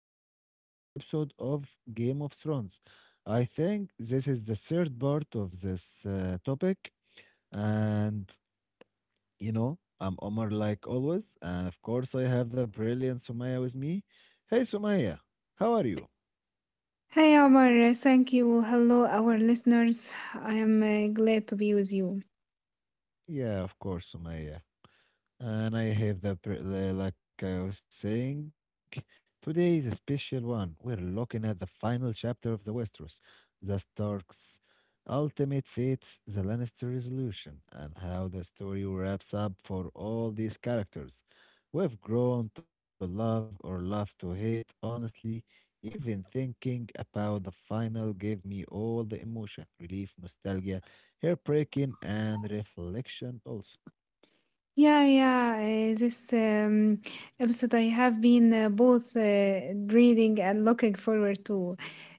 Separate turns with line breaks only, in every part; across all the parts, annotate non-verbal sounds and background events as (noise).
to our episode of Game of Thrones. I think this is the third part of this topic and you know I'm Omar like always, and of course I have the brilliant Sumaya with me. Hey Sumaya, how are you?
Hi Omar, thank you. Hello, our listeners. I am glad to be with you.
Yeah, of course, Sumaya. And I have the like I was saying, today is a special one. We're looking at the final chapter of the Westeros, the Starks' ultimate fates, the Lannister resolution, and how the story wraps up for all these characters. We've grown to love or love to hate, honestly. Even thinking about the final gave me all the emotion, relief, nostalgia, heartbreaking, and reflection also.
Yeah, this episode I have been both reading and looking forward to.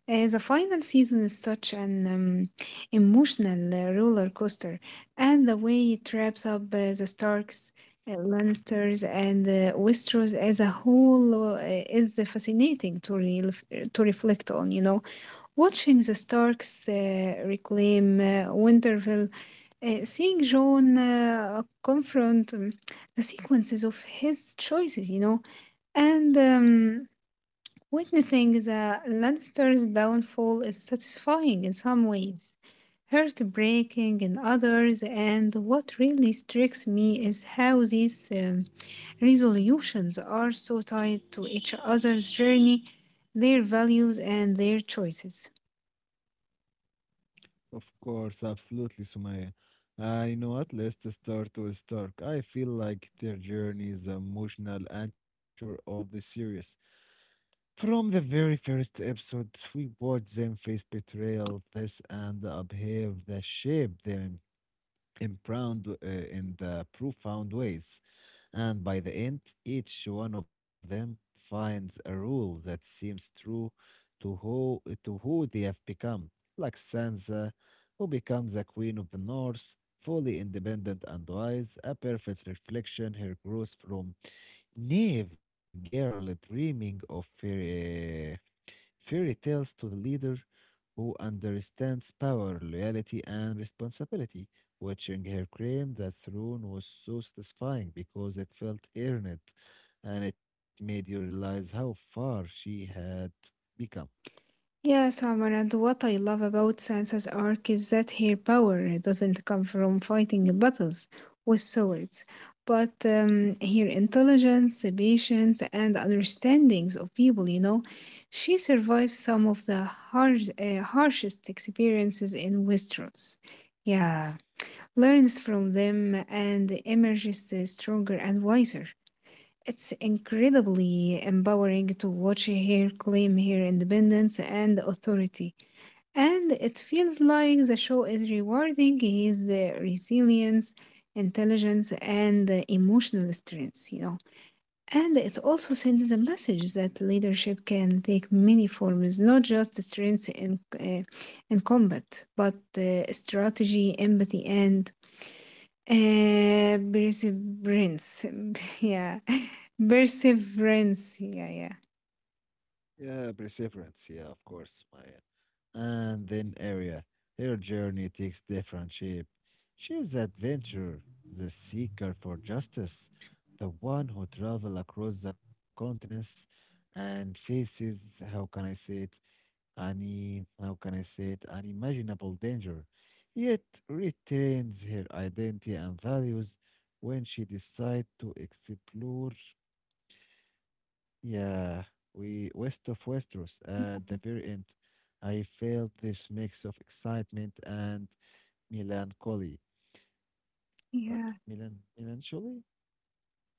The final season is such an emotional roller coaster, and the way it wraps up the Starks, Lannisters, and Westeros as a whole is fascinating to to reflect on, you know. Watching the Starks reclaim Winterfell, seeing John confront the sequences of his choices, you know, and witnessing the Lannister's downfall is satisfying in some ways, heartbreaking in others, and what really strikes me is how these resolutions are so tied to each other's journey, their values, and their choices.
Of course, absolutely, Sumaya. You know what? Let's start with Stark. I feel like their journey is the emotional anchor of the series. From the very first episode, we watch them face betrayal, this and the upheaval that shaped them. Impround in the profound ways. And by the end, each one of them finds a rule that seems true to who they have become, like Sansa, who becomes a queen of the North, fully independent and wise, a perfect reflection her growth from naive girl dreaming of fairy tales to the leader who understands power, loyalty, and responsibility. Watching her claim that throne was so satisfying because it felt earned and it made you realize how far she had become.
Yes, Amar, and what I love about Sansa's arc is that her power doesn't come from fighting battles with swords, but her intelligence, patience, and understandings of people, you know. She survived some of the harshest experiences in Westeros. Yeah, learns from them and emerges stronger and wiser. It's incredibly empowering to watch her claim her independence and authority. And it feels like the show is rewarding his resilience, intelligence, and emotional strengths, you know. And it also sends a message that leadership can take many forms, not just strengths in combat, but strategy, empathy, and perseverance. (laughs) yeah, perseverance. Yeah, yeah,
Yeah, perseverance, yeah, of course, Maya. And then Arya. Her journey takes different shape. She is the adventurer, the seeker for justice, the one who travels across the continents and faces, how can I say it, Any, how can I say it, unimaginable danger, yet retains her identity and values when she decides to explore, yeah, we west of Westeros at the very end. I felt this mix of excitement and melancholy. What?
yeah,
Melancholy?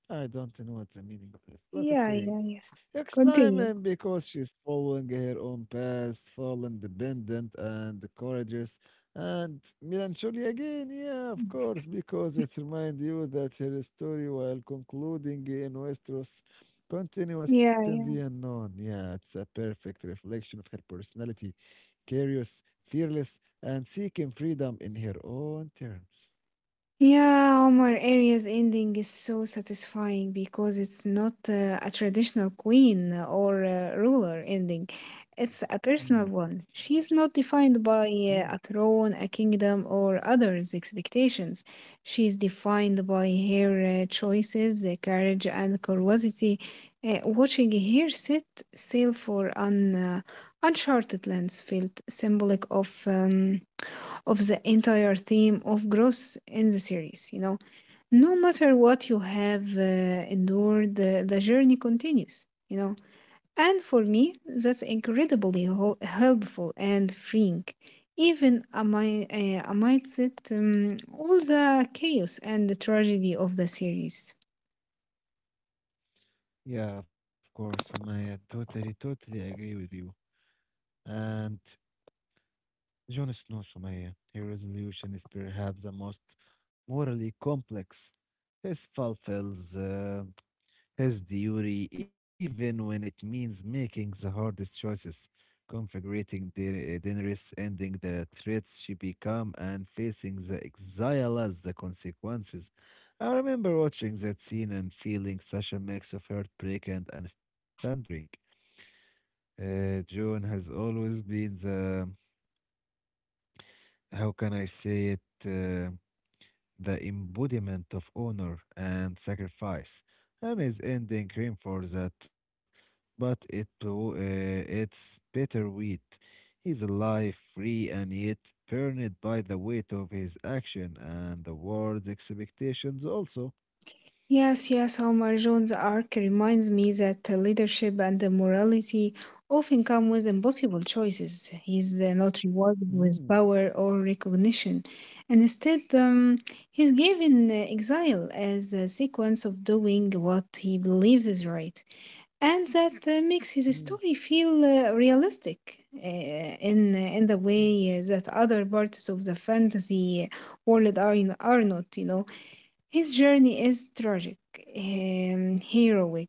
I don't know what's the meaning of this, but
yeah,
okay.
yeah, yeah.
Excitement
Continue.
because she's following her own path, full independent and courageous. And melancholy again, yeah, of course, because it reminds you that her story, while concluding in Westeros, continues in
Yeah,
the
yeah.
unknown. Yeah, it's a perfect reflection of her personality, curious, fearless, and seeking freedom in her own terms.
Yeah, Omar, Arias ending is so satisfying because it's not a traditional queen or ruler ending. It's a
Mm,
personal one. She's not defined by
mm.
a throne, a kingdom, or others' expectations. She's defined by her choices, courage, and curiosity. Watching her set sail for an uncharted lands felt symbolic of. Of the entire theme of growth in the series. You know, no matter what you have endured, the journey continues, you know. And for me, that's incredibly helpful and freeing. Even amidst it, all the chaos and the tragedy of the series.
Yeah, of course, Sumaya. Totally, totally agree with you. And Jon Snow, Sumaya, his resolution is perhaps the most morally complex. His fulfills his duty, even when it means making the hardest choices, configuring the Daenerys, ending the threats she become, and facing the exile as the consequences. I remember watching that scene and feeling such a mix of heartbreak and understanding. June has always been how can I say it, the embodiment of honor and sacrifice, and is ending cream for that. But it too, it's bitterweet. He's alive, free, and yet burned by the weight of his action and the world's expectations also.
Yes, yes, Omar, Jones' arc reminds me that the leadership and the morality often come with impossible choices. He's not rewarded with
Mm,
power or recognition. And instead, he's given exile as a sequence of doing what he believes is right. And that makes
mm,
his story feel realistic in the
mm,
way that other parts of the fantasy world are not, you know. His journey is tragic, heroic,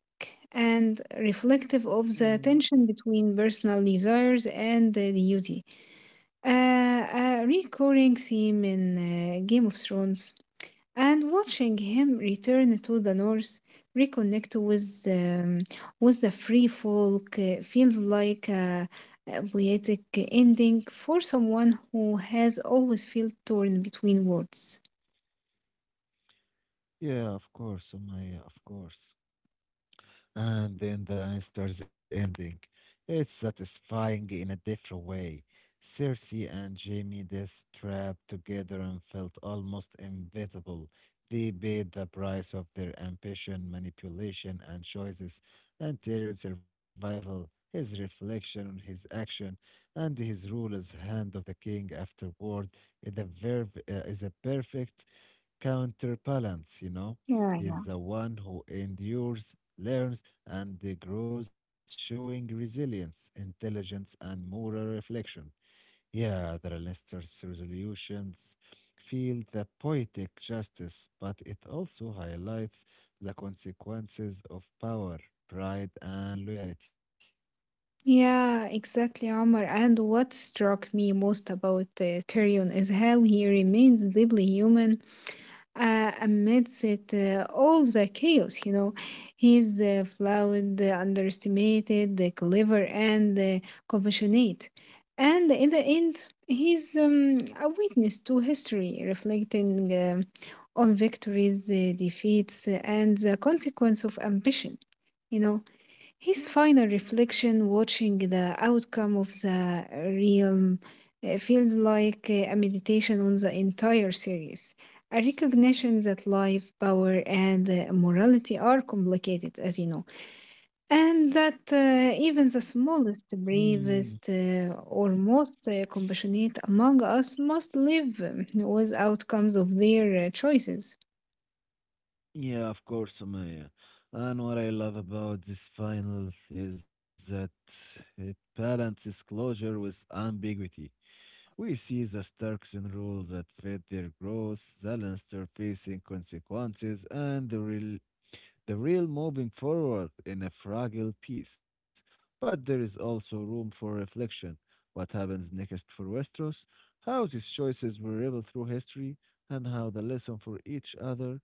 and reflective of
mm.
the tension between personal desires and the duty. A recurring theme in Game of Thrones, and watching him return to the North, reconnect with the free folk feels like a poetic ending for someone who has always felt torn between worlds.
Yeah, of course, Sumaya, of course. And then the Lannisters ending. It's satisfying in a different way. Cersei and Jaime, this trapped together and felt almost inevitable. They paid the price of their ambition, manipulation, and choices. And Tyrion's survival, his reflection on his action, and his rule as Hand of the King afterward is a perfect counterbalance, you know. He's
Yeah.
the one who endures, learns, and the growth showing resilience, intelligence, and moral reflection. Yeah, the Leinster's resolutions feel the poetic justice, but it also highlights the consequences of power, pride, and loyalty.
Yeah, exactly, Omar. And what struck me most about Tyrion is how he remains deeply human amidst it, all the chaos, you know. He's flawed, underestimated, clever, and compassionate. And in the end, he's a witness to history, reflecting um on victories, defeats, and the consequence of ambition, you know. His final reflection, watching the outcome of the realm, feels like a meditation on the entire series, a recognition that life, power, and morality are complicated, as you know, and that even the smallest,
Hmm.
bravest, or most compassionate among us must live with outcomes of their choices.
Yeah, of course, Sumaya. And what I love about this final is that it balances closure with ambiguity. We see the Starkson rule that fed their growth, the Lannister facing consequences, and the real moving forward in a fragile peace. But there is also room for reflection. What happens next for Westeros? How these choices will ripple through history, and how the lesson for each other,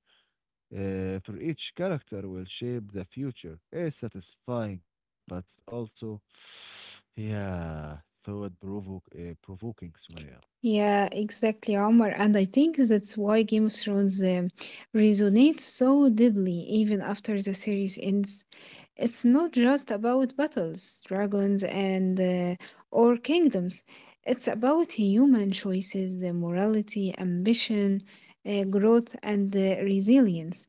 for each character, will shape the future. It's satisfying, but it's also, (sighs) yeah, thought provoking, Sumaya.
Yeah, exactly, Omar. And I think that's why Game of Thrones resonates so deeply even after the series ends. It's not just about battles, dragons, and or kingdoms. It's about human choices, the morality, ambition, growth, and resilience.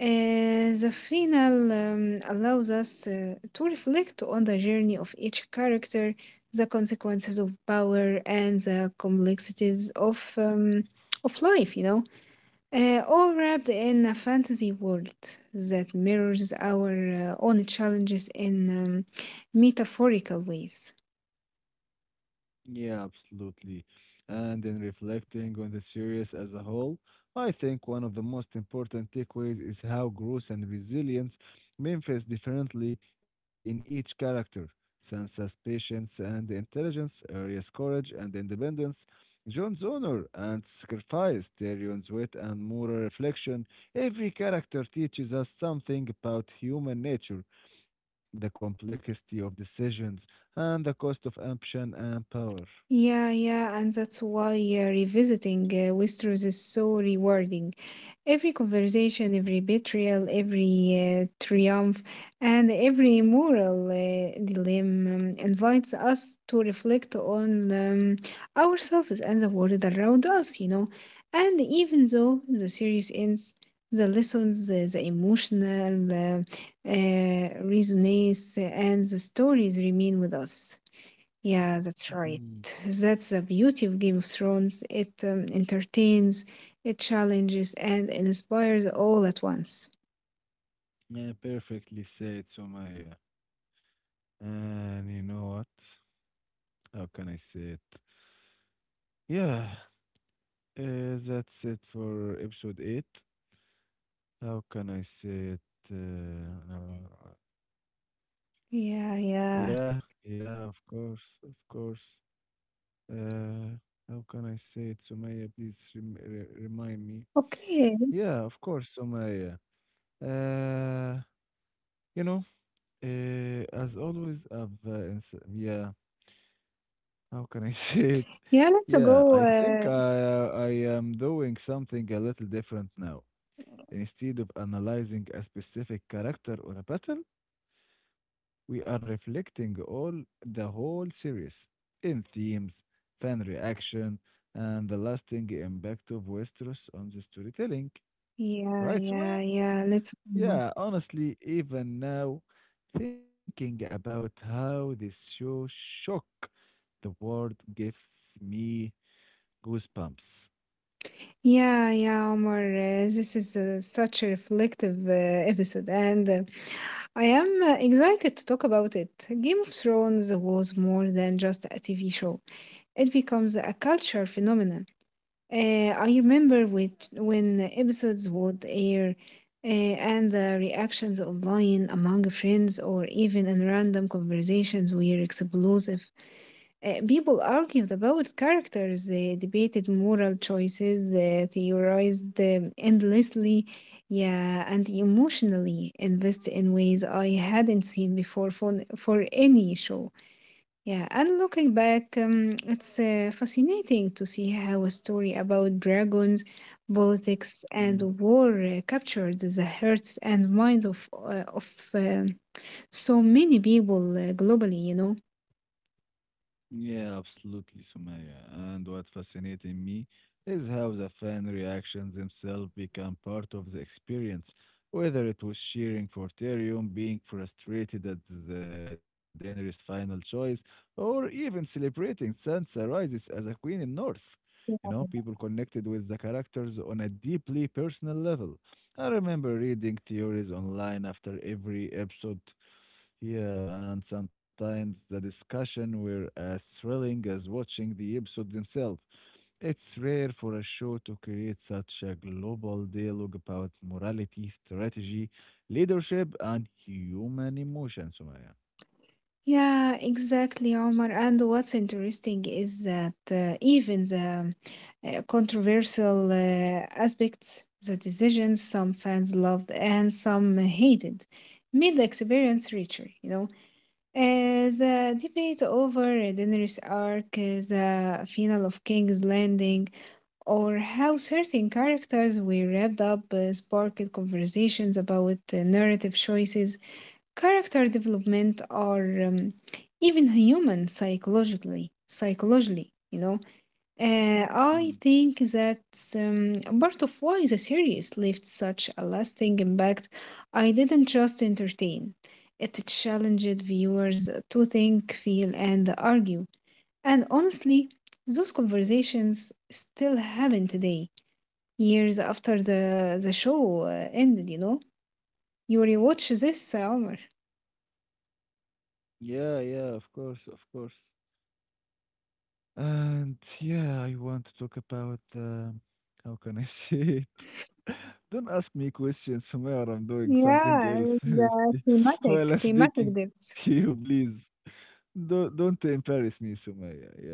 The final allows us to reflect on the journey of each character, the consequences of power, and the complexities of life. You know, all wrapped in a fantasy world that mirrors our own challenges in um, metaphorical ways.
Yeah, absolutely. And in reflecting on the series as a whole, I think one of the most important takeaways is how growth and resilience manifest differently in each character. Sansa's patience and intelligence, Arya's courage and independence, Jon's honor and sacrifice, Tyrion's wit and moral reflection. Every character teaches us something about human nature, the complexity of decisions and the cost of ambition and power.
Yeah, yeah, and that's why revisiting Westeros is so rewarding. Every conversation, every betrayal, every triumph, and every moral dilemma invites us to reflect on ourselves and the world around us, you know. And even though the series ends, the lessons, the emotional resonance, and the stories remain with us. Yeah, that's right.
Mhm.
That's the beauty of Game of Thrones. It entertains, it challenges, and inspires all at once.
Yeah, perfectly said, Sumaya. And you know what? How can I say it? Yeah, that's it for episode 8. How can I say it? Uh, uh,
Yeah,
yeah,
yeah.
yeah, of course, of course. Uh, how can I say it, Sumaya? Please remind me.
Okay.
Yeah, of course, Sumaya. Uh, you know, as always, yeah. How can I (laughs) say it?
Yeah, let's
Yeah,
go.
I think I uh, I am doing something a little different now. Instead of analyzing a specific character or a battle, we are reflecting all the whole series in themes, fan reaction, and the lasting impact of Westeros on the storytelling.
Yeah,
Right, Sumaya?
yeah, yeah. Let's go.
Yeah, honestly, even now, thinking about how this show shook the world gives me goosebumps.
Yeah, yeah, Omar. This is such a reflective episode, and I am excited to talk about it. Game of Thrones was more than just a TV show, it becomes a culture phenomenon. I remember which, when episodes would air and the reactions online among friends or even in random conversations were explosive. People argued about characters, they debated moral choices, theorized endlessly, yeah, and emotionally invested in ways I hadn't seen before for any show. Yeah, and looking back, it's fascinating to see how a story about dragons, politics, and war captured the hearts and minds of so many people globally. You know.
Yeah, absolutely, Sumaya. And what fascinated me is how the fan reactions themselves become part of the experience, whether it was cheering for Tyrion, being frustrated at the Daenerys' final choice, or even celebrating Sansa rises as a queen in North. You know, people connected with the characters on a deeply personal level. I remember reading theories online after every episode, yeah, and sometimes the discussion were as thrilling as watching the episodes themselves. It's rare for a show to create such a global dialogue about morality, strategy, leadership, and human emotions, Sumaya.
Yeah, exactly, Omar. And what's interesting is that even the controversial aspects, the decisions some fans loved and some hated, made the experience richer. You know. The debate over Daenerys' arc, the final of King's Landing, or how certain characters were wrapped up sparked conversations about narrative choices, character development, or um, even human psychologically, you know.
Mm.
I think that's part of why the series left such a lasting impact. I didn't just entertain, it challenged viewers to think, feel, and argue. And honestly, those conversations still happen today, years after the show ended, you know? You rewatch this, Omar.
Yeah, yeah, of course, of course. And yeah, I want to talk about how can I say it? (laughs) Don't ask me questions where I'm doing something
Yeah,
else
the
(laughs) while
thematic,
I'm speaking
thematic
to you,
depths.
please. Don't embarrass me, Sumaya. Yeah,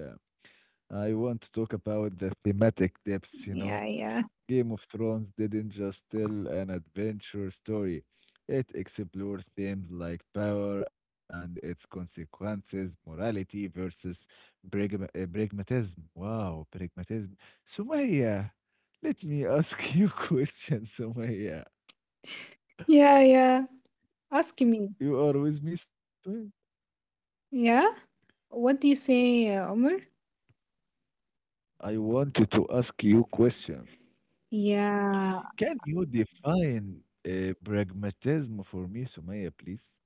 I want to talk about the thematic depths. You know,
Yeah, yeah.
Game of Thrones didn't just tell an adventure story, it explored themes like power and its consequences, morality versus pragmatism. Wow, pragmatism. Sumaya, let me ask you (laughs) a question, Sumaya.
Yeah, yeah. Ask me.
You are with me, Sumaya?
Yeah? What do you say, Omar?
I wanted to ask you a question.
Yeah,
Can you define pragmatism for me, Sumaya, please?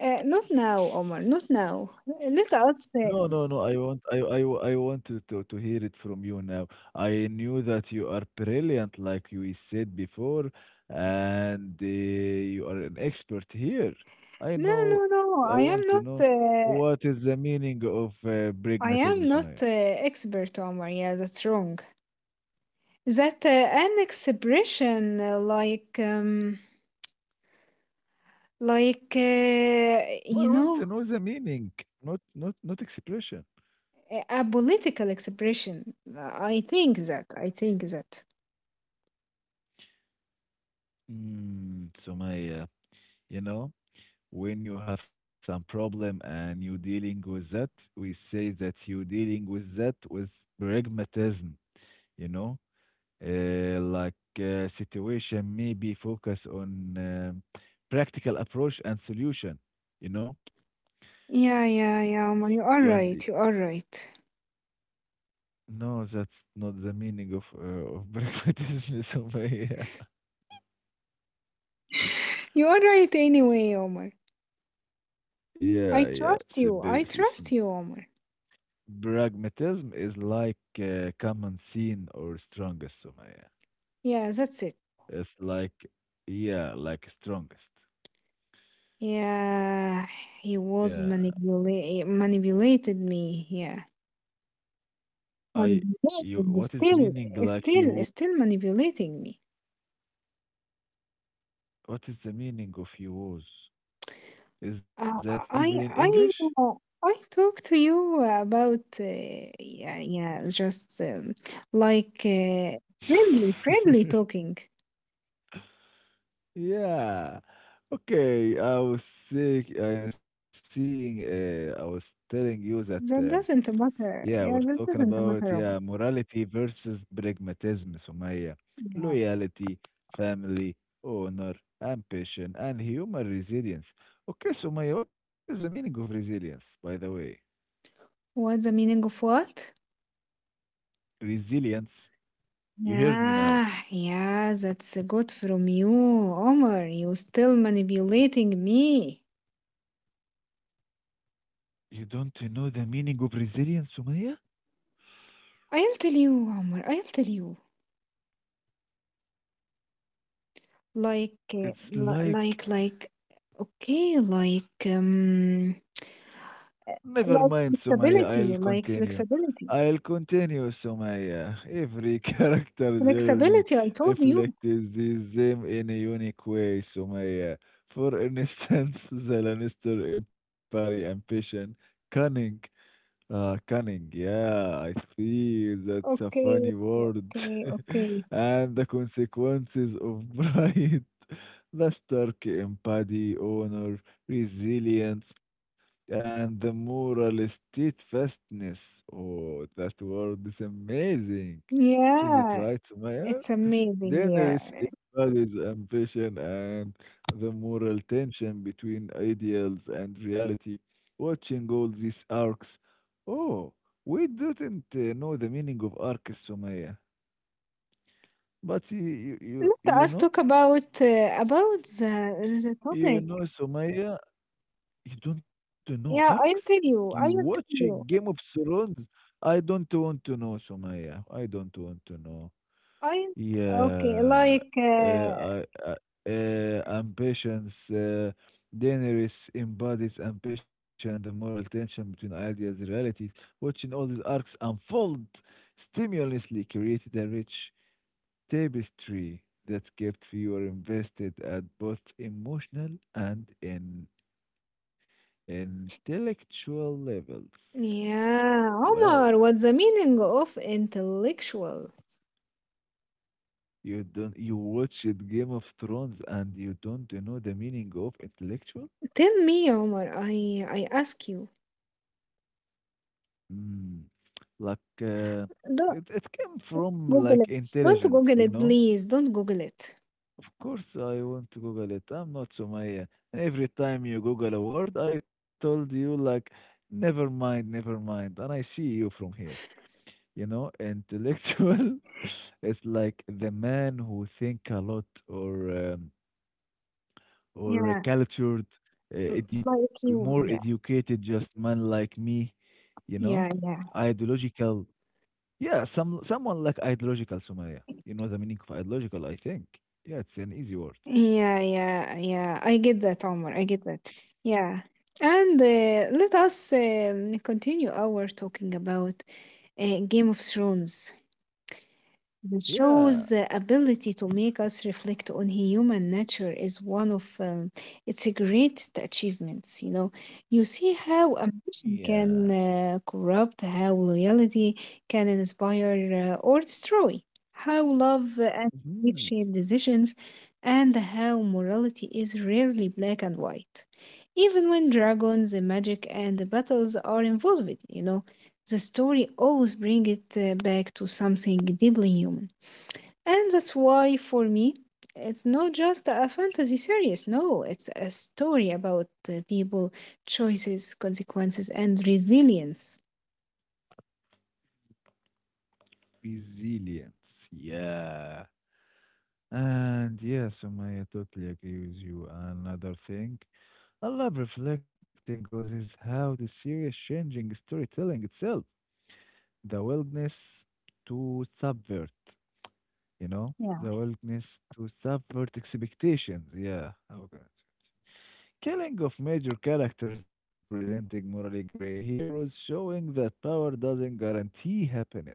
not now, Omar. Not now. Let us.
No, no, no. I want, I want to, to hear it from you now. I knew that you are brilliant, like you said before, and you are an expert here. I
No,
know.
no,
I
no.
want to
I am
know
not.
what is the meaning of
I
pragmatism,
am
Sumaya.
not expert, Omar. Yeah, that's wrong. That an expression uh, like um, like
No,
uh,
I want to
you
know the
know,
meaning, not expression.
a political expression. I think that. I think that.
Mm, Sumaya, you know. When you have some problem and you dealing with that, we say that you dealing with that with pragmatism, you know, uh, like situation maybe focus on practical approach and solution, you know.
Yeah, yeah, yeah, Omar. You
You
are
and eh,
right. You are right.
no, that's not the meaning of (laughs) pragmatism. So yeah,
You are right anyway, Omar.
yeah, yeah.
I
So
trust you. I trust you, Omar.
pragmatism is like common scene or strongest. So
Yeah, that's it.
it's like, yeah, like strongest.
Yeah, he
Yeah,
was manipulated me. Yeah,
I, you,
manipulated.
what is the
Still,
meaning? Like
still,
you,
still manipulating me.
what is the meaning of you was? Is that
Uh,
even in
I,
English?
I, uh, I talked to you about yeah, yeah, just like uh, friendly
(laughs)
talking.
Yeah. Okay, I was sick. I was seeing. I was telling you that.
That doesn't
Yeah,
matter.
we're
Yeah,
talking
that doesn't
about
matter,
yeah,
Omar.
morality versus pragmatism, Sumaya.
Yeah.
Loyalty, family, honor, ambition, and human resilience. Okay, Sumaya, what is the meaning of resilience, by the way?
What's the meaning of what?
Resilience, you heard me now.
Yeah, yeah, that's good from you, Omar. You still manipulating me.
You don't know the meaning of resilience, Sumaya?
I'll tell you, Omar. I'll tell you.
It's like
Like. Okay, like,
never mind, Sumaya, I'll
like
continue.
flexibility,
I'll continue, Sumaya. Every (laughs) character journey
flexibility. I told you.
reflects this them in a unique way, Sumaya. For instance, (laughs) the Lannister Empire ambition, cunning, cunning, yeah, I feel that's a
Okay,
funny word.
okay, okay.
(laughs) and the consequences of (laughs) pride, the stark empathy, honor, resilience, and the moral steadfastness. Oh, that word is amazing. Is it
Yeah,
right, Sumaya?
it's amazing.
Then there
Yeah,
is everybody's ambition and the moral tension between ideals and reality. Watching all these arcs. Oh, we didn't know the meaning of arc, Sumaya. But
let us talk about the
you
topic.
know, Sumaya, you don't know
Yeah,
arcs?
I'll tell
You
you. I
watch
will
a
tell
Game of
you.
Thrones? I don't want to know, Sumaya. I don't want to know.
I okay,
Yeah,
like
uh, I, I, ambitions. Daenerys embodies ambition, the moral tension between ideas and realities. Watching all these arcs unfold stimulously created a rich tapestry that kept viewer invested at both emotional and in intellectual levels.
Yeah,
Wow.
Omar, what's the meaning of intellectual?
You don't you watched Game of Thrones and you don't know the meaning of intellectual?
Tell me, Omar. I ask you.
Mm, like
Don't
it came from
Google
like
it. Don't
intelligence,
Google
you
it,
know.
please. Don't Google it.
Of course, I want to Google it. I'm not Sumaya. And every time you Google a word, I told you like, never mind, never mind. And I see you from here, you know, intellectual. (laughs) It's like the man who think a lot or
Yeah,
cultured,
mm,
edu
like
more
you.
educated, just man like me, you know,
Yeah, yeah, yeah,
ideological. Yeah, someone like ideological Sumaya. You know the meaning of ideological, I think. Yeah, it's an easy word.
yeah, yeah, yeah. I get that, Omar. I get that. Yeah. And let us continue our talking about Game of Thrones. The
Yeah,
show's ability to make us reflect on human nature is one of its greatest achievements. You know, you see how ambition
yeah.
can corrupt, how loyalty can inspire or destroy, how love and belief
Mhm.
shape decisions, and how morality is rarely black and white. Even when dragons, magic, and battles are involved, you know, the story always brings it back to something deeply human. And that's why, for me, it's not just a fantasy series. No, it's a story about people, choices, consequences, and resilience.
Resilience. Yeah. And yeah, Sumaya, totally agree with you. Another thing I love reflecting on is how the series changing storytelling itself. The willingness to subvert, you know?
Yeah.
The willingness to subvert expectations. Yeah. Okay. Killing of major characters, presenting morally gray heroes, showing that power doesn't guarantee happiness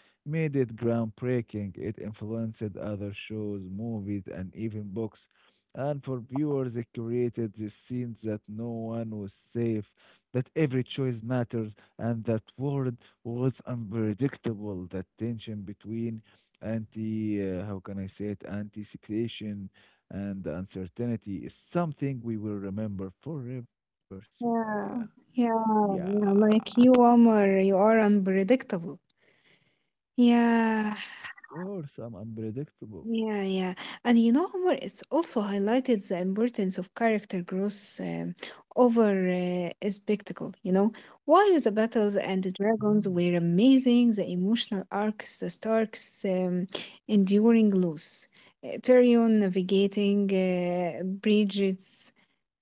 made it groundbreaking. It influenced other shows, movies, and even books. And for viewers, it created the sense that no one was safe, that every choice mattered, and that world was unpredictable. That tension between how can I say it, anticipation and uncertainty is something we will remember forever. So, my, yeah,
Yeah. Yeah,
yeah,
yeah, like you, Omar, you are unpredictable. Yeah.
of course, I'm unpredictable.
Yeah, yeah. And you know, Omar, it's also highlighted the importance of character growth over a spectacle. You know, while the battles and the
Mhm.
dragons were amazing, the emotional arcs, the Starks enduring loss, Tyrion navigating Bridget's,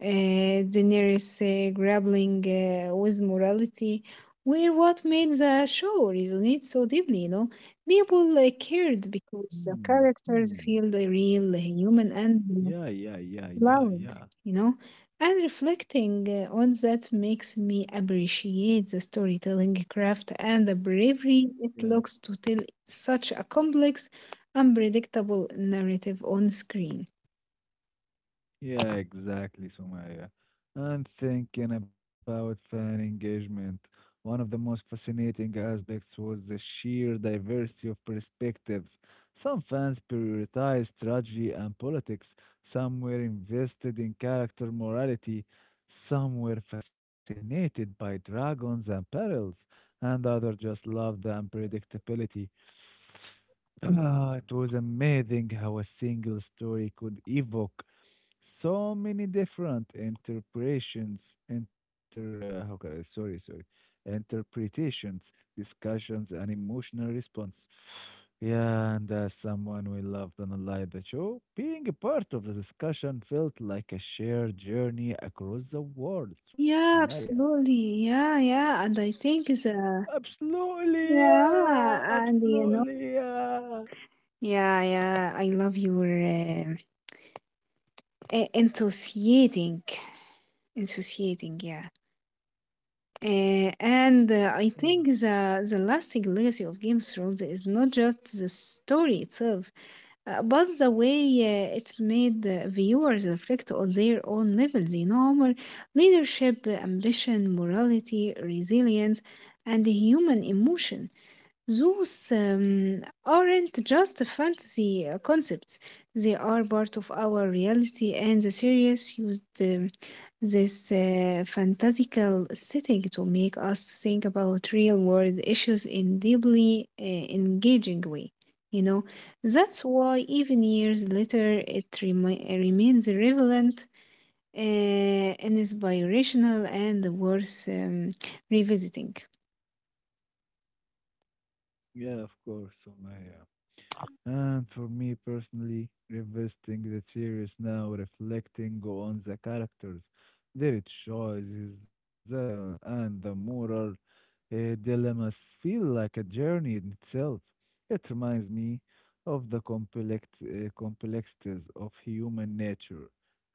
Daenerys grappling with morality, were what made the show resonate so deeply, you know. People cared because the
Hmm.
characters
Hmm.
feel the real, human, and
Yeah, yeah, yeah, yeah,
loud,
yeah,
you know. And reflecting on that makes me appreciate the storytelling craft and the bravery
yeah,
it looks to tell such a complex, unpredictable narrative on screen.
yeah, exactly, Sumaya. And thinking about fan engagement, one of the most fascinating aspects was the sheer diversity of perspectives. Some fans prioritized strategy and politics, some were invested in character morality, some were fascinated by dragons and perils, and others just loved the unpredictability. Ah, it was amazing how a single story could evoke so many different interpretations, how can I, sorry, sorry, interpretations, discussions, and emotional response. Yeah, and as someone we loved and liked the show, being a part of the discussion felt like a shared journey across the world,
Yeah,
Sumaya.
absolutely. Yeah, yeah. And I think the
Absolutely, yeah,
yeah, and you know,
absolutely, yeah.
yeah, yeah. I love your enthusiastic Insociating, yeah. And I
Yeah,
think the lasting legacy of Game of Thrones is not just the story itself, but the way it made viewers reflect on their own levels, you know, Omar, leadership, ambition, morality, resilience, and human emotion. Those aren't just fantasy concepts, they are part of our reality, and the series used this fantastical setting to make us think about real world issues in deeply engaging way. You know, that's why even years later it remains relevant, and inspirational, and worth revisiting.
yeah, of course, Sumaya. And for me personally, revisiting the series now, reflecting on the characters, their choices, and the moral dilemmas feel like a journey in itself. It reminds me of the complexities of human nature,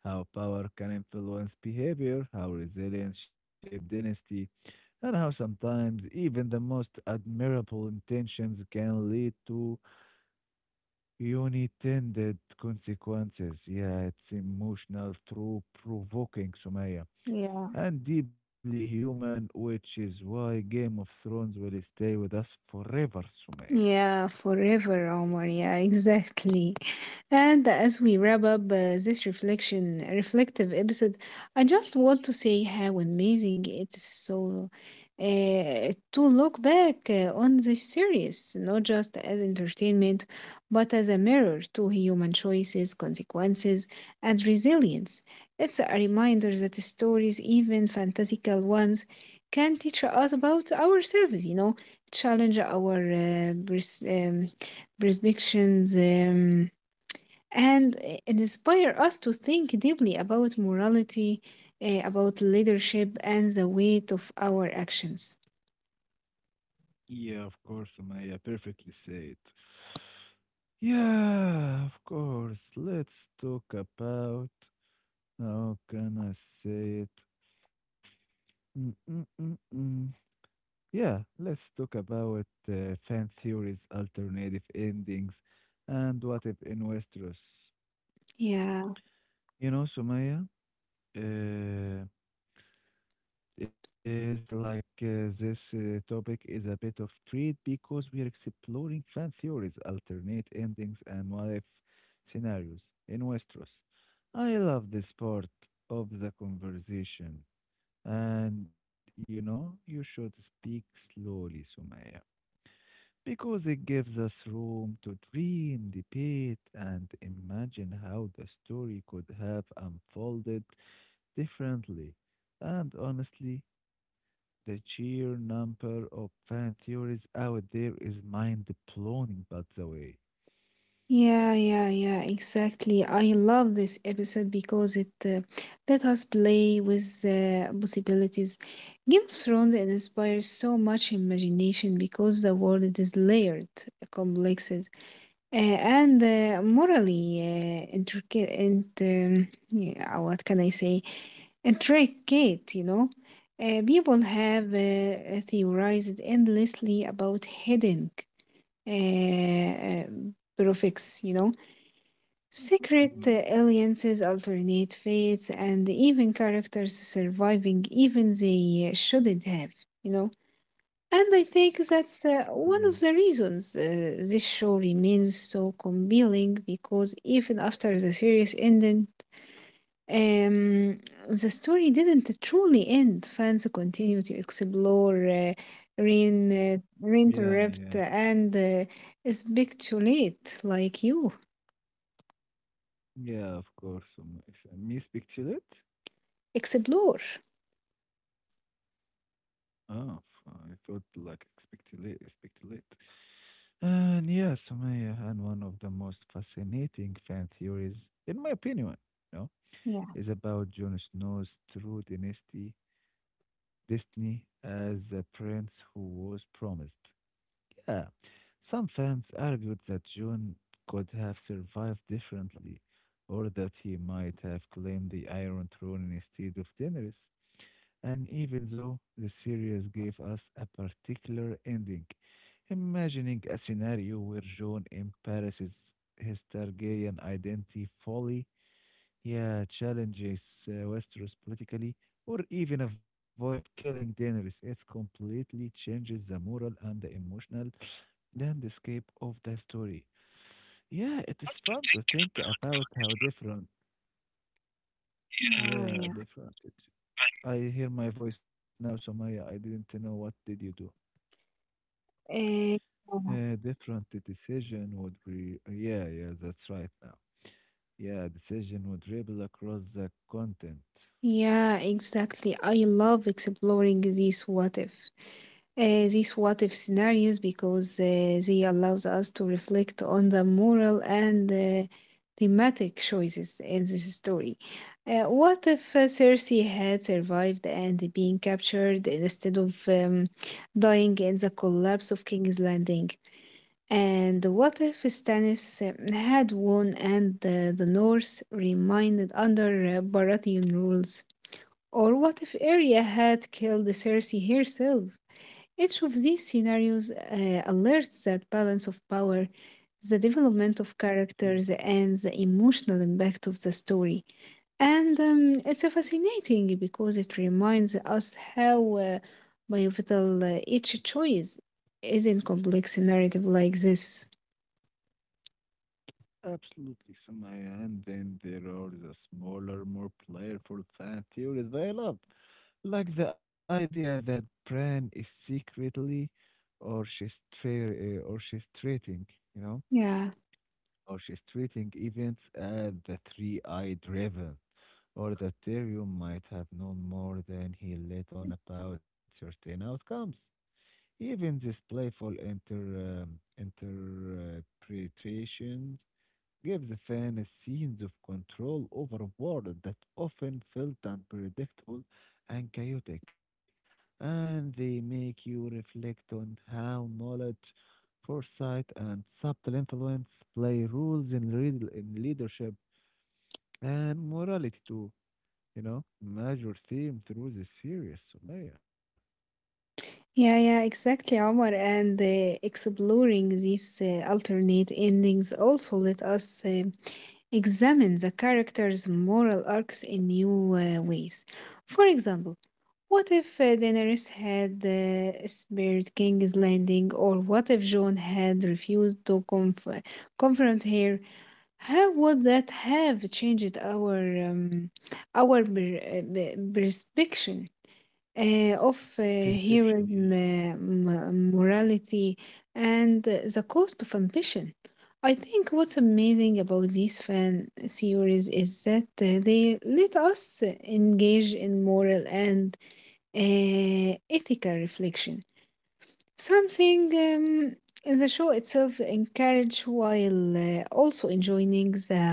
how power can influence behavior, how resilience shapes dynasty, and how sometimes even the most admirable intentions can lead to unintended consequences. Yeah, it's emotional through provoking, Sumaya, and deeply human, which is why Game of Thrones will stay with us forever, Sumaya.
Yeah, forever, Omar. Yeah, (laughs) exactly. And as we wrap up this reflective episode, I just want to say how amazing it is so uh, to look back on this series, not just as entertainment, but as a mirror to human choices, consequences, and resilience. It's a reminder that stories, even fantastical ones, can teach us about ourselves, challenge our perspectives. And inspire us to think deeply about morality, about leadership, and the weight of our actions.
Yeah, of course, Sumaya, perfectly said. Yeah, of course. Let's talk about how can I say it? Mm-mm-mm-mm. Yeah, let's talk about fan theories, alternative endings, and what if in Westeros.
Yeah,
You know, Sumaya, uh, is like this topic is a bit of treat because we are exploring fan theories, alternate endings, and what if scenarios in Westeros. I love this part of the conversation, and you know, you should speak slowly, Sumaya. Because it gives us room to dream, debate, and imagine how the story could have unfolded differently. And honestly, the sheer number of fan theories out there is mind blowing, by the way.
yeah, exactly. I love this episode because it let us play with possibilities. Game of Thrones inspires so much imagination because the world is layered, complex, and morally intricate. And yeah, what can I say? A trick, you know. People have theorized endlessly about hidden uh, uh, prefix, you know, secret
Mhm,
alliances, alternate fates, and even characters surviving even they shouldn't have, you know. And I think that's
mhm.
one of the reasons this show remains so compelling because even after the series ended, um, the story didn't truly end. Fans continue to explore,
Yeah, yeah.
reinterrupt, and speculate like you.
Yeah, of course. Me speculate?
Explore.
Oh, I thought like speculate, speculate. And yes, Sumaya, and one of the most fascinating fan theories, in my opinion, you know,
Yeah.
is about Jon Snow's destiny as a prince who was promised. Yeah, some fans argued that Jon could have survived differently, or that he might have claimed the Iron Throne instead of Daenerys. And even though the series gave us a particular ending, imagining a scenario where John embraces his Targaryen identity fully, yeah, challenges Westeros politically, or even avoid killing Daenerys, it completely changes the moral and the emotional landscape of the story. Yeah, it is fun to think about how different, yeah,
Oh,
different. I hear my voice now, Somaya. I didn't know what did you do.
yeah. Uh,
Different decision would re yeah, yeah, that's right now. Yeah, decision would ripple across the content.
Yeah, exactly. I love exploring these what if. These what if scenarios because they allows us to reflect on the moral and thematic choices in this story. What if Cersei had survived and being captured instead of dying in the collapse of King's Landing? And what if Stannis had won and the North remained under Baratheon rules? Or what if Arya had killed Cersei herself? Each of these scenarios alerts that balance of power, the development of
Mm.
characters, and the emotional impact of the story. And it's a fascinating because it reminds us how pivotal each choice is in complex narrative like this.
Absolutely, Sumaya. And then there are the smaller, more playful fan theories that I love, like the idea that Bran is secretly or or she's treating, you know.
Yeah,
Orchestrating events at the Three Eyed Raven, or that Tyrion might have known more than he let on about certain outcomes. Even this playful interpretations give the fan a sense of control over a world that often felt unpredictable and chaotic, and they make you reflect on how knowledge, foresight, and subtle influence play roles in, real, in leadership and morality too. You know, major theme through the series, Sumaya.
yeah, exactly, Omar. And exploring these alternate endings also let us. Examine the character's moral arcs in new ways. For example, what if Daenerys had spared King's Landing, or what if Jon had refused to confront her? How would that have changed um, our perspective of
Perception, yeah.
heroism, morality, and the cost of ambition. I think what's amazing about these fan series is that they let us engage in moral and ethical reflection, something the show itself encourages while also enjoying the,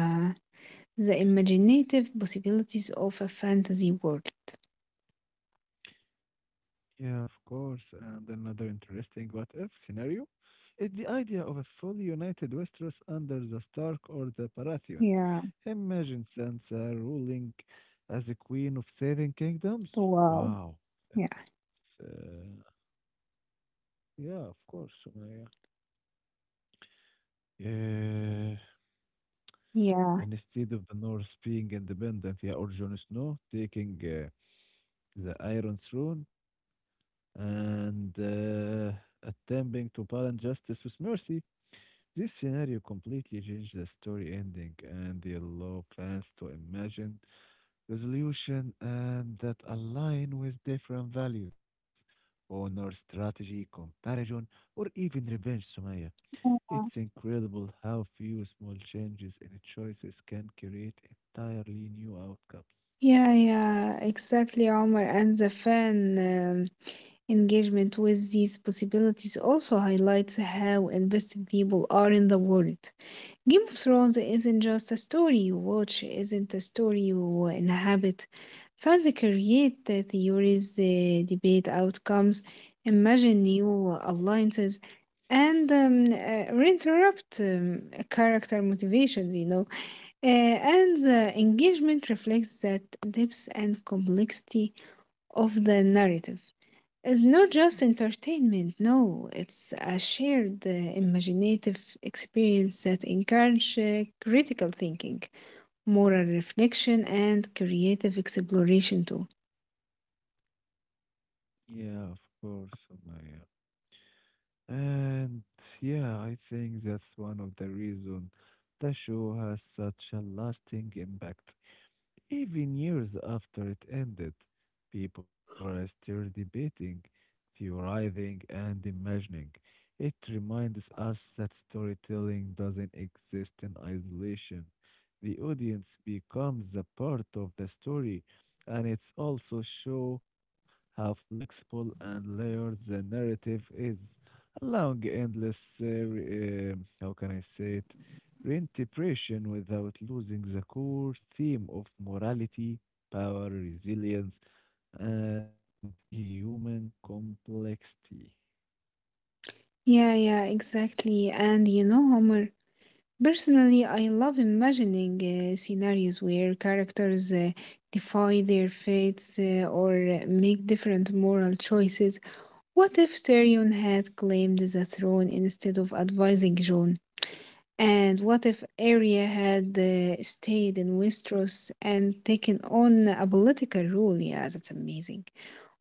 the imaginative possibilities of a fantasy world.
Yeah, of course. And another interesting what if scenario is the idea of a fully united Westeros under the Stark or the Baratheon.
Yeah.
Imagine Sansa ruling as a queen of seven kingdoms.
Wow.
Wow,
Yeah.
that's yeah, of course, Sumaya. Yeah,
Yeah.
and instead of the North being independent, yeah, or Jon Snow taking the Iron Throne and attempting to balance justice with mercy. This scenario completely changed the story ending and they allow fans to imagine resolution and that align with different values, honor, strategy, comparison, or even revenge, Sumaya. It's incredible how few small changes in choices can create entirely new outcomes.
Yeah, exactly, Omar. And the fan engagement with these possibilities also highlights how invested people are in the world. Game of Thrones isn't just a story you watch, isn't a story you inhabit. Fans create the theories, debate outcomes, imagine new alliances, and reinterrupt character motivations, you know. And the engagement reflects that depth and complexity of the narrative. It's not just entertainment, no, it's a shared imaginative experience that encourages critical thinking, moral reflection, and creative exploration too.
Yeah, of course, Sumaya. And yeah, I think that's one of the reasons the show has such a lasting impact. Even years after it ended, people are still debating, theorizing, and imagining. It reminds us that storytelling doesn't exist in isolation. The audience becomes a part of the story, and it's also show how flexible and layered the narrative is, allowing endless, how can I say it? Reintegration without losing the core theme of morality, power, resilience, and human complexity.
Yeah, exactly. And you know, Homer, personally, I love imagining scenarios where characters defy their fates or make different moral choices. What if Tyrion had claimed the throne instead of advising Jon? And what if Arya had stayed in Westeros and taken on a political role? Yeah, that's amazing.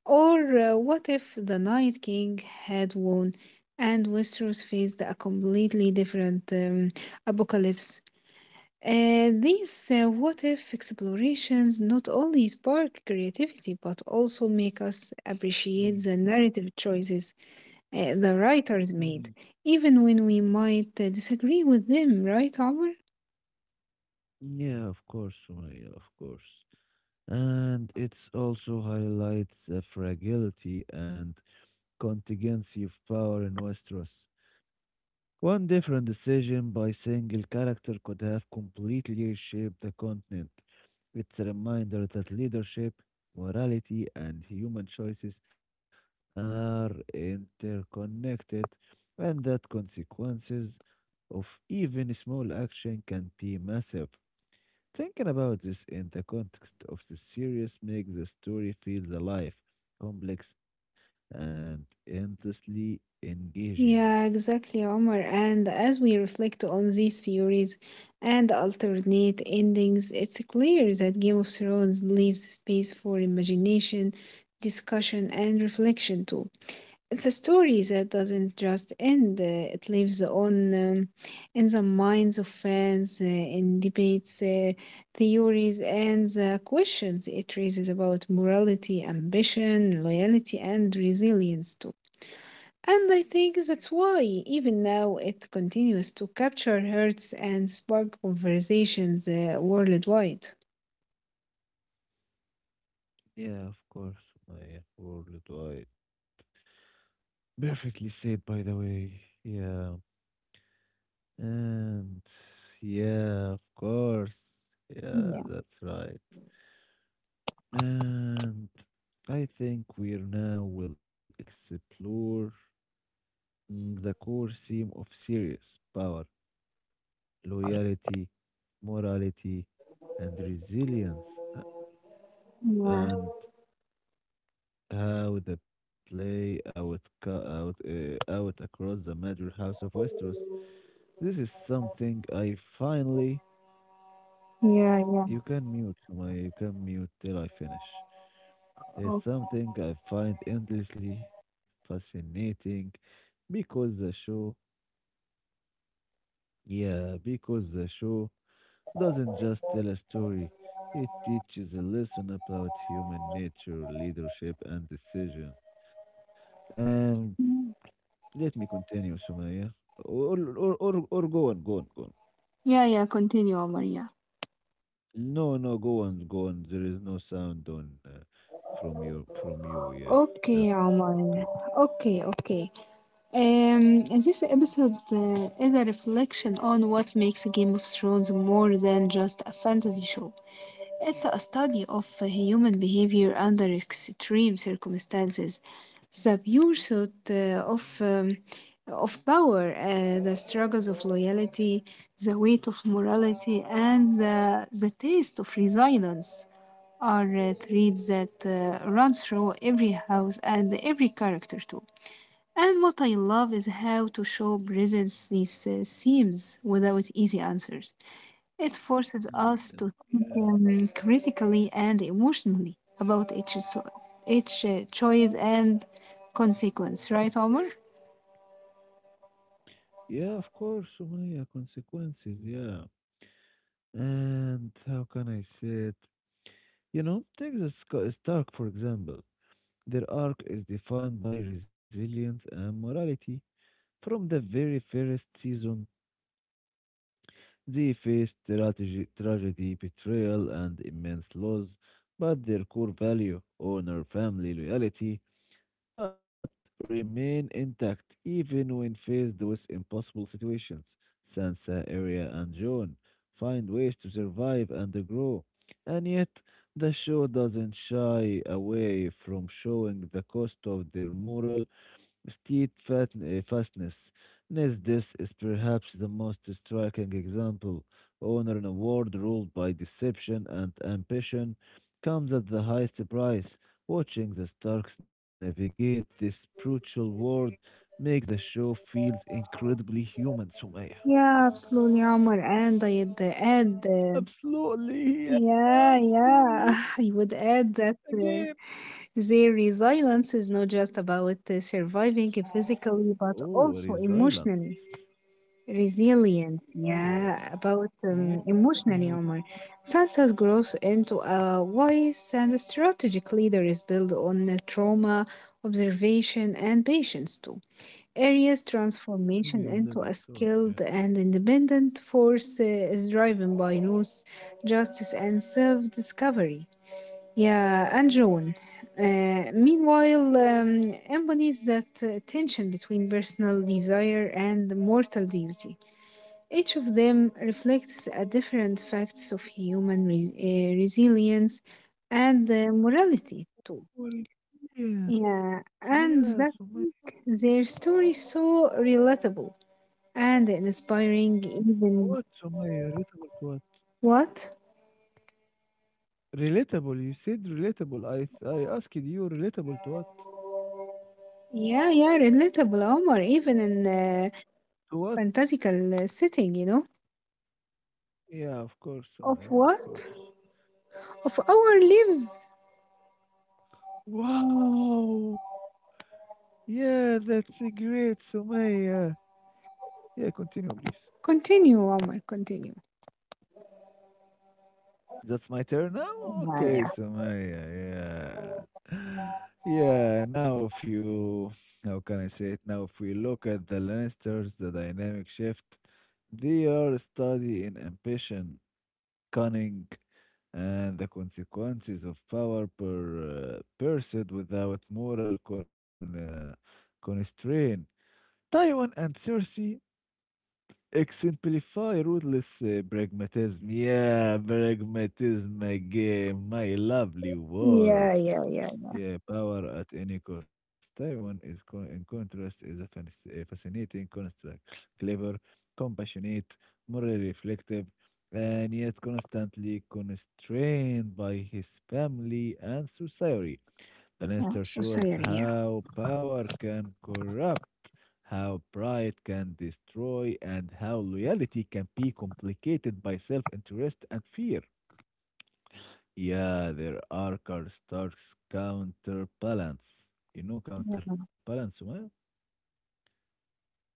Or what if the Night King had won and Westeros faced a completely different apocalypse? These what if explorations not only spark creativity but also make us
Mhm,
appreciate the narrative choices the writers
mhm.
made, even when we might disagree with them, right, Omar?
Yeah, of course, Sumaya, of course. And it also highlights the fragility and contingency of power in Westeros. One different decision by single character could have completely reshaped the continent. It's a reminder that leadership, morality, and human choices are interconnected, and that consequences of even small action can be massive. Thinking about this in the context of the series makes the story feel alive, complex, and endlessly engaging.
Yeah, exactly, Omar. And as we reflect on these series and alternate endings, it's clear that Game of Thrones leaves space for imagination, discussion, and reflection too. It's a story that doesn't just end, it lives on in the minds of fans, in debates, theories, and the questions it raises about morality, ambition, loyalty, and resilience, too. And I think that's why, even now, it continues to capture hearts and spark conversations worldwide.
Yeah, of course, my worldwide. Perfectly said, by the way. Yeah. And yeah, of course. Yeah,
Yeah,
that's right. And I think we now will explore mm, the core theme of series power, loyalty, morality, and resilience.
yeah,
And how the play out co- out out across the major house of Westeros. This is something I finally
yeah, yeah.
you can mute my you can mute till I finish. It's
Oh,
something I find endlessly fascinating because the show yeah, because the show doesn't just tell a story. It teaches a lesson about human nature, leadership and decision. And let me continue, Sumaya. Or go on, go on, go on.
yeah, yeah, continue, Maria.
No, no, go on, go on. There is no sound on from you. Yeah,
Okay,
that's good.
Omar. Okay, okay. This episode is a reflection on what makes Game of Thrones more than just a fantasy show. It's a study of human behavior under extreme circumstances, the pursuit of power, the struggles of loyalty, the weight of morality, and the taste of resilience are threads that run through every house and every character too. And what I love is how to show presence these themes without easy answers. It forces
Mm,
us
then,
to think
yeah,
critically and emotionally about each choice and consequence, right, Omar?
yeah, of course, Sumaya. Consequences, yeah. And how can I say it? You know, take the Stark, for example. Their arc is defined by resilience and morality from the very first season. They faced tragedy, betrayal, and immense loss, but their core value, honor, family, loyalty, but remain intact even when faced with impossible situations. Sansa, Arya, and Jon find ways to survive and grow, and yet the show doesn't shy away from showing the cost of their moral state fat, fastness. Steadfastness. This is perhaps the most striking example. Honor in a world ruled by deception and ambition comes at the highest price. Watching the Starks navigate this brutal world makes the show feels incredibly human, Sumaya.
Yeah, absolutely, Omar. And I'd add,
Absolutely, yeah,
yeah,
absolutely.
(laughs) I would add that.
Again.
Their resilience is not just about surviving physically, but
Oh,
also emotionally.
resilience.
Resilient,
Oh,
yeah, about
yeah,
emotionally,
very-
Omar. Sansa's growth into a wise and strategic leader is built on trauma, observation, and patience, too. Arya's
maybe
transformation
resilience.
into a
Oh, yeah.
skilled and independent force is driven by loss, justice, and self discovery. Yeah, and Joan. Meanwhile, embodies that tension between personal desire and mortal duty. Each of them reflects a different facts of human resilience and morality too.
Well, yes,
Yeah,
yes.
and
Oh what?
that makes their story so relatable and inspiring.
God,
Even
oh relatable to what?
what?
Relatable. You said relatable. I asked you relatable to what?
Yeah, yeah, relatable, Omar. Even in a
To what?
fantastical setting, you know.
Yeah, of course,
Of
Sumaya, of
what?
course.
Of our lives?
Wow. Yeah, that's a great, Sumaya. Yeah, continue, please.
Continue, Omar, continue.
That's my turn now?
Yeah,
Okay,
yeah,
Samaya, yeah. (sighs) Yeah, now if you, how can I say it? Now, if we look at the Lannisters, the dynamic shift, they are study in ambition, cunning, and the consequences of power per pursued without moral constraint. Tywin and Cersei exemplify ruthless pragmatism. Yeah, pragmatism again, my lovely word.
Yeah, yeah, yeah,
Yeah, power at any cost. Taiwan is, in contrast, is a a fascinating construct, clever, compassionate, morally reflective, and yet constantly constrained by his family and society. The
yeah.
Nestor shows
Society, yeah.
how power can corrupt, how pride can destroy, and how loyalty can be complicated by self interest and fear. Yeah, there are Stark's counterbalance. You know counterbalance, Sumaya?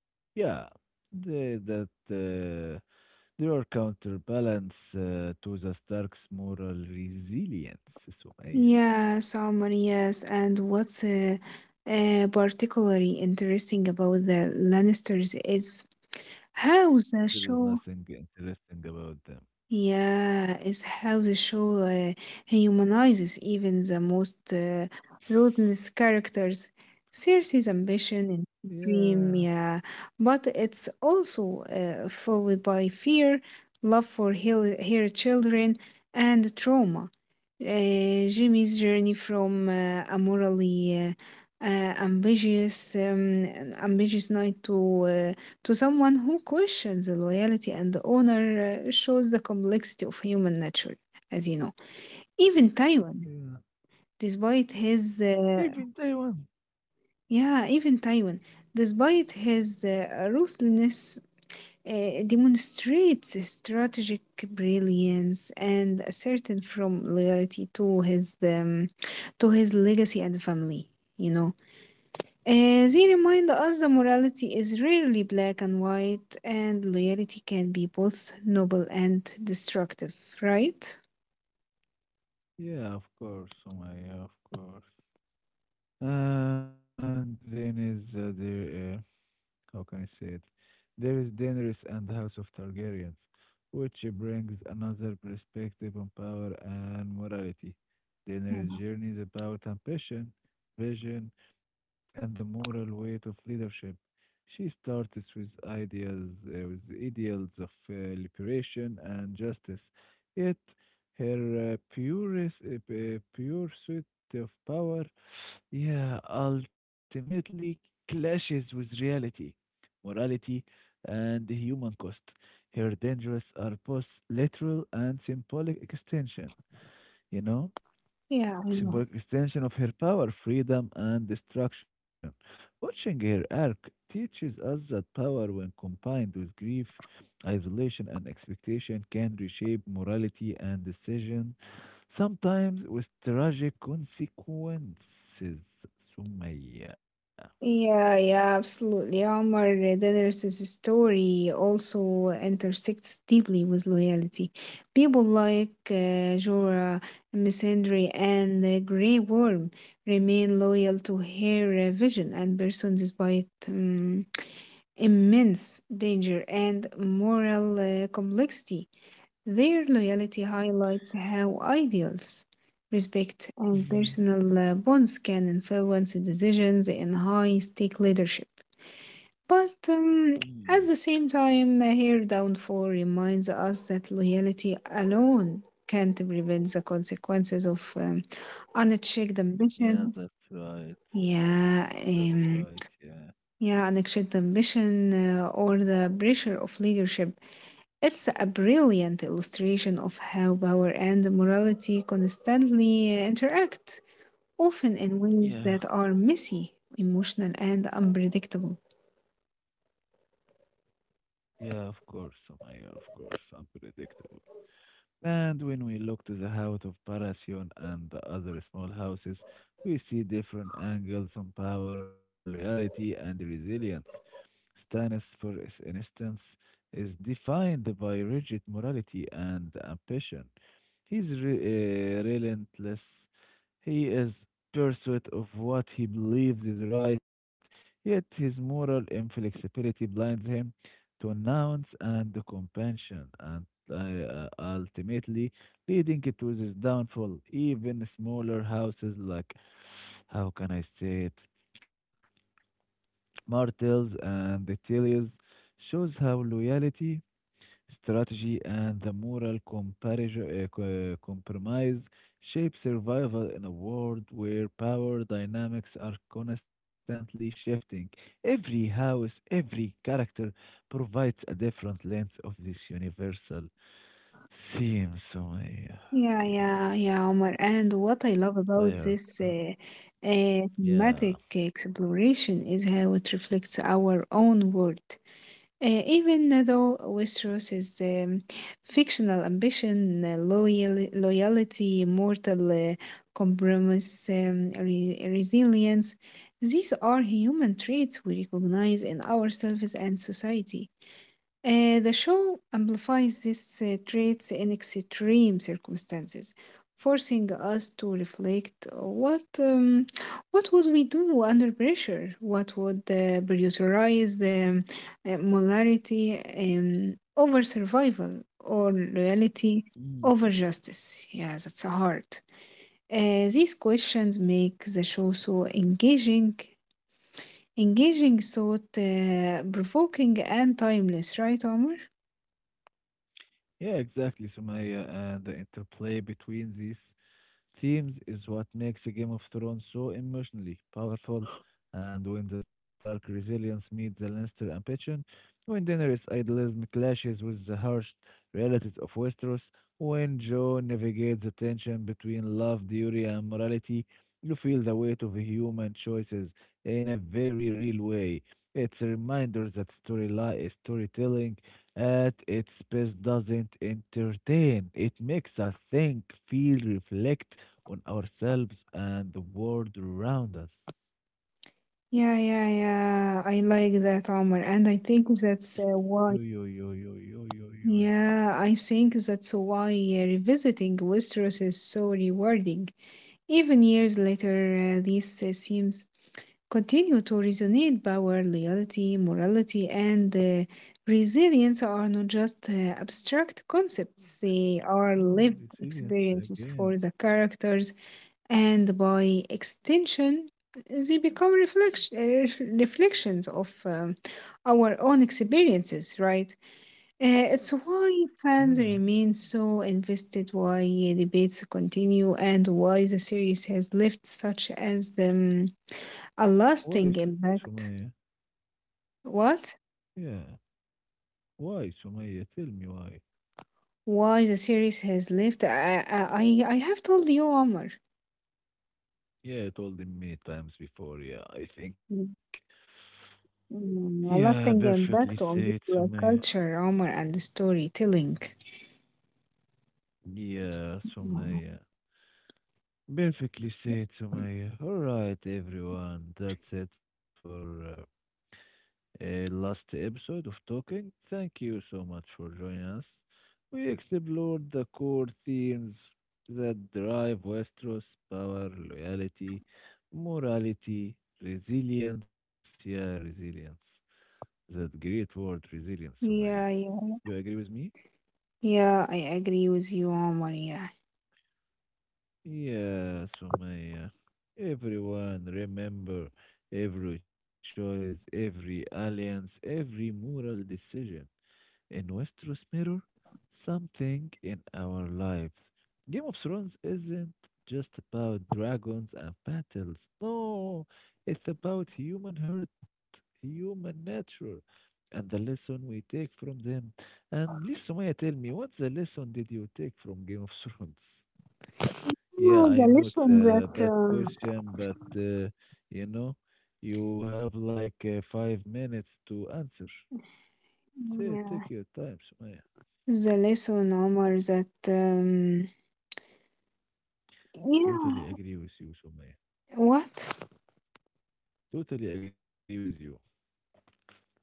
Yeah, that there are counterbalance to the Stark's moral resilience, Sumaya.
Yes, Omar, yes. And what's particularly interesting about the Lannisters is how the
There is
show.
nothing interesting about them.
Yeah, it's how the show humanizes even the most ruthless characters. Cersei's ambition and
Yeah,
dream, yeah, but it's also followed by fear, love for her children, and trauma. Jimmy's journey from an ambitious knight to someone who questions the loyalty and the honor shows the complexity of human nature, as you know. Even Taiwan,
yeah.
despite his,
Even Taiwan?
yeah, even Taiwan, despite his ruthlessness, demonstrates strategic brilliance and a certain from loyalty to his legacy and family. You know, they remind us the morality is rarely black and white, and loyalty can be both noble and destructive, right?
Yeah, of course, Sumaya, of course. Then is there. How can I say it? There is Daenerys and the House of Targaryens, which brings another perspective on power and morality. Daenerys' journey is about ambition, vision, and the moral weight of leadership. She starts with ideas, with ideals of liberation and justice, yet her purest, pursuit of power, yeah, ultimately clashes with reality, morality, and the human cost. Her dangers are both literal and symbolic extension, you know?
Yeah, I know.
symbolic extension of her power, freedom, and destruction. Watching her arc teaches us that power, when combined with grief, isolation, and expectation, can reshape morality and decision, sometimes with tragic consequences. Sumaya.
Yeah, absolutely. Omar Deders's story also intersects deeply with loyalty. People like Jorah, Missandei, and the Grey Worm remain loyal to her vision and person despite immense danger and moral complexity. Their loyalty highlights how ideals, respect, and
Mhm.
personal bonds can influence decisions in high stake leadership. But
Mm,
at the same time, her downfall reminds us that loyalty alone can't prevent the consequences of unchecked
yeah,
ambition.
that's right.
Yeah,
That's right. Yeah.
yeah, unchecked ambition or the pressure of leadership. It's a brilliant illustration of how power and morality constantly interact, often in ways
Yeah.
that are messy, emotional, and unpredictable.
Yeah, of course, Sumaya. Of course, unpredictable. And when we look to the house of Parasion and the other small houses, we see different angles on power, loyalty, and resilience. Stannis, for instance, is defined by rigid morality and ambition. Relentless. He is pursuit of what he believes is right, yet his moral inflexibility blinds him to nuance and compassion, and ultimately leading to his downfall. Even smaller houses like, how can I say it, Martels and the Tillies shows how loyalty strategy and the moral comparison, compromise shape survival in a world where power dynamics are constantly shifting. Every house, every character provides a different lens of this universal theme. So, yeah,
Yeah,
yeah,
yeah, yeah, Omar. And what I love about
tired.
this
Yeah.
thematic exploration is how it reflects our own world. Even though Westeros um, fictional ambition, loyalty, mortal compromise, resilience, these are human traits we recognize in ourselves and society. The show amplifies these traits in extreme circumstances, forcing us to reflect what would we do under pressure? What would prioritize molarity over survival or loyalty
Mm.
over justice? Yeah, that's hard. These questions make the show so engaging, engaging, thought provoking, and timeless, right, Omar?
Yeah, exactly, Sumaya, and the interplay between these themes is what makes Game of Thrones so emotionally powerful, and when the Stark resilience meets the Lannister ambition, when Daenerys' idealism clashes with the harsh realities of Westeros, when Jon navigates the tension between love, duty, and morality, you feel the weight of human choices in a very real way. It's a reminder that storytelling at its best doesn't entertain. It makes us think, feel, reflect, on ourselves and the world around us.
Yeah. I like that, Omar. And I think that's
Yo,
why.
yo, yo, yo, yo, yo, yo, yo.
Yeah, I think that's why revisiting Westeros is so rewarding. Even years later, these themes continue to resonate. Power, loyalty, morality, and resilience are not just abstract concepts, they are
Oh,
lived
resilience
experiences
again.
for the characters and by extension, they become reflections of our own experiences, right? It's why
Yeah.
fans remain so invested, why debates continue, and why the series has left such as a
Why,
lasting
Sumaya?
impact. What?
Yeah. Why, Sumaya? Tell me why.
Why the series has left? I have told you, Omar.
Yeah, I told him many times before. Yeah, I think.
Mm,
Yeah,
A lasting
perfectly
impact
said,
on popular
Sumaya.
culture, Omar, and storytelling.
Yeah, Sumaya. Perfectly said, Sumaya. All right, everyone. That's it for a last episode of Talking. Thank you so much for joining us. We explored the core themes that drive Westeros power, loyalty, morality, resilience. Yeah, resilience. That great word, resilience, Sumaya.
Yeah, yeah,
Do you agree with me?
yeah. I agree with you, Omar. Yeah,
Yeah, Sumaya. Everyone, remember every choice, every alliance, every moral decision in Westeros mirror something in our lives. Game of Thrones isn't just about dragons and battles. No, it's about human hurt, human nature, and the lesson we take from them. And please, Sumaya, tell me, what's the lesson did you take from Game of Thrones?
yeah,
Yeah, I
the
know it's
lesson
a
that
bad question, but you know, you have like 5 minutes to answer. Say,
yeah.
take your time, Sumaya.
The lesson, Omar, that
Totally
yeah.
agree with you, Sumaya.
What?
Totally agree with you.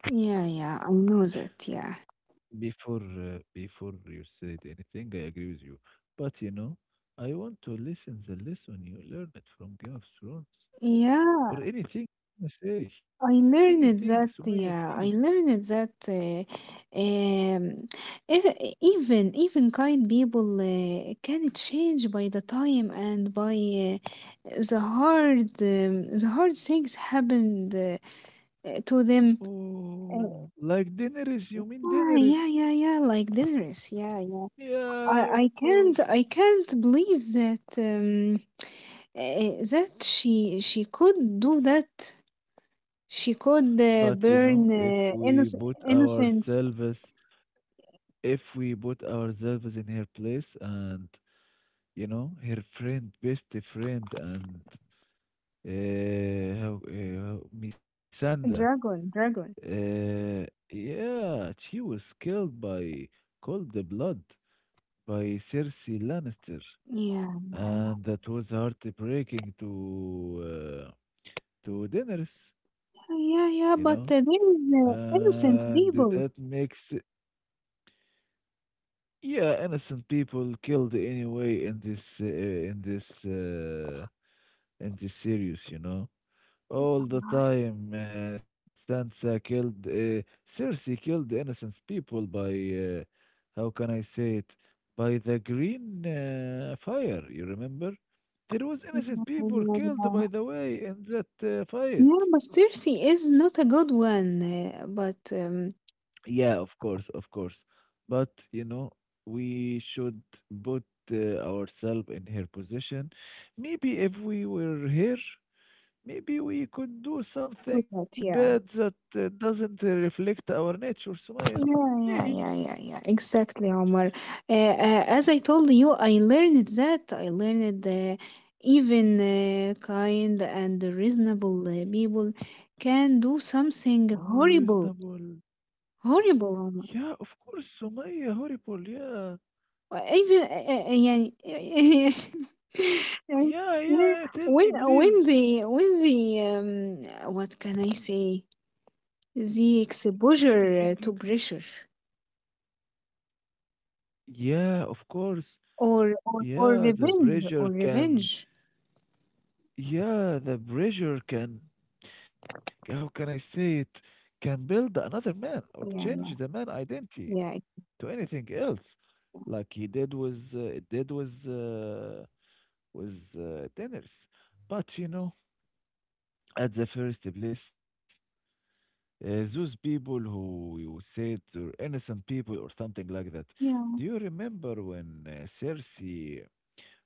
Yeah. I know that. Yeah,
Before you said anything, I agree with you. But you know, I want to listen the lesson you learned from Game of Thrones
yeah.
or anything you say.
I
Anything,
learned that.
Sumaya, please.
Yeah, I learned that. Um, if, even even kind people can change by the time and by the hard things happened. To them
Oh,
uh,
like Daenerys, you mean
yeah
Daenerys?
like dinners i
Yeah,
i
of
can't,
course.
I can't believe that that she could do that. She could
But you know,
burn
if we put
innocent
ourselves, if we put ourselves in her place and you know, her friend, best friend, and Misanda.
dragon.
Uh, yeah, she was killed by cold blood by Cersei Lannister,
yeah
and that was heartbreaking uh, to Daenerys, you
yeah, yeah,
know,
but there is
and
innocent
that
people
makes, yeah, innocent people killed anyway in this in this series, you know. All the time, Sansa killed, Cersei killed innocent people by, uh, how can I say it? By the green fire, you remember? There was innocent people killed, by
yeah.
the way, in that fight.
Yeah, but Cersei is not a good one but
Yeah, of course, of course. But, you know, we should put ourselves in her position. Maybe if we were her. Maybe we could do
I
something
yeah
bad that doesn't reflect our nature, Sumaya.
Yeah, yeah, yeah,
Maybe.
yeah, yeah. exactly, Omar. As I told you, I learned that. I learned even kind and reasonable people can do something horrible,
Unreasonable.
horrible, Omar.
Yeah, of course, Sumaya. Horrible. Yeah.
Uh, Even uh, uh, uh, yeah, (laughs) yeah,
Yeah, yeah, yeah, tell
when
me, please.
when the what can I say? The exposure
Anything you can
to
say.
pressure
Yeah, of course.
or
Yeah, the pressure can.
revenge.
Yeah, the pressure can. How can I say it? Can build another man or
Yeah,
change the
yeah.
man identity
Yeah, it-
to anything else, like he did with tenors. But you know, at the first place, those people who you said are innocent people or something like that.
yeah,
Do you remember when Cersei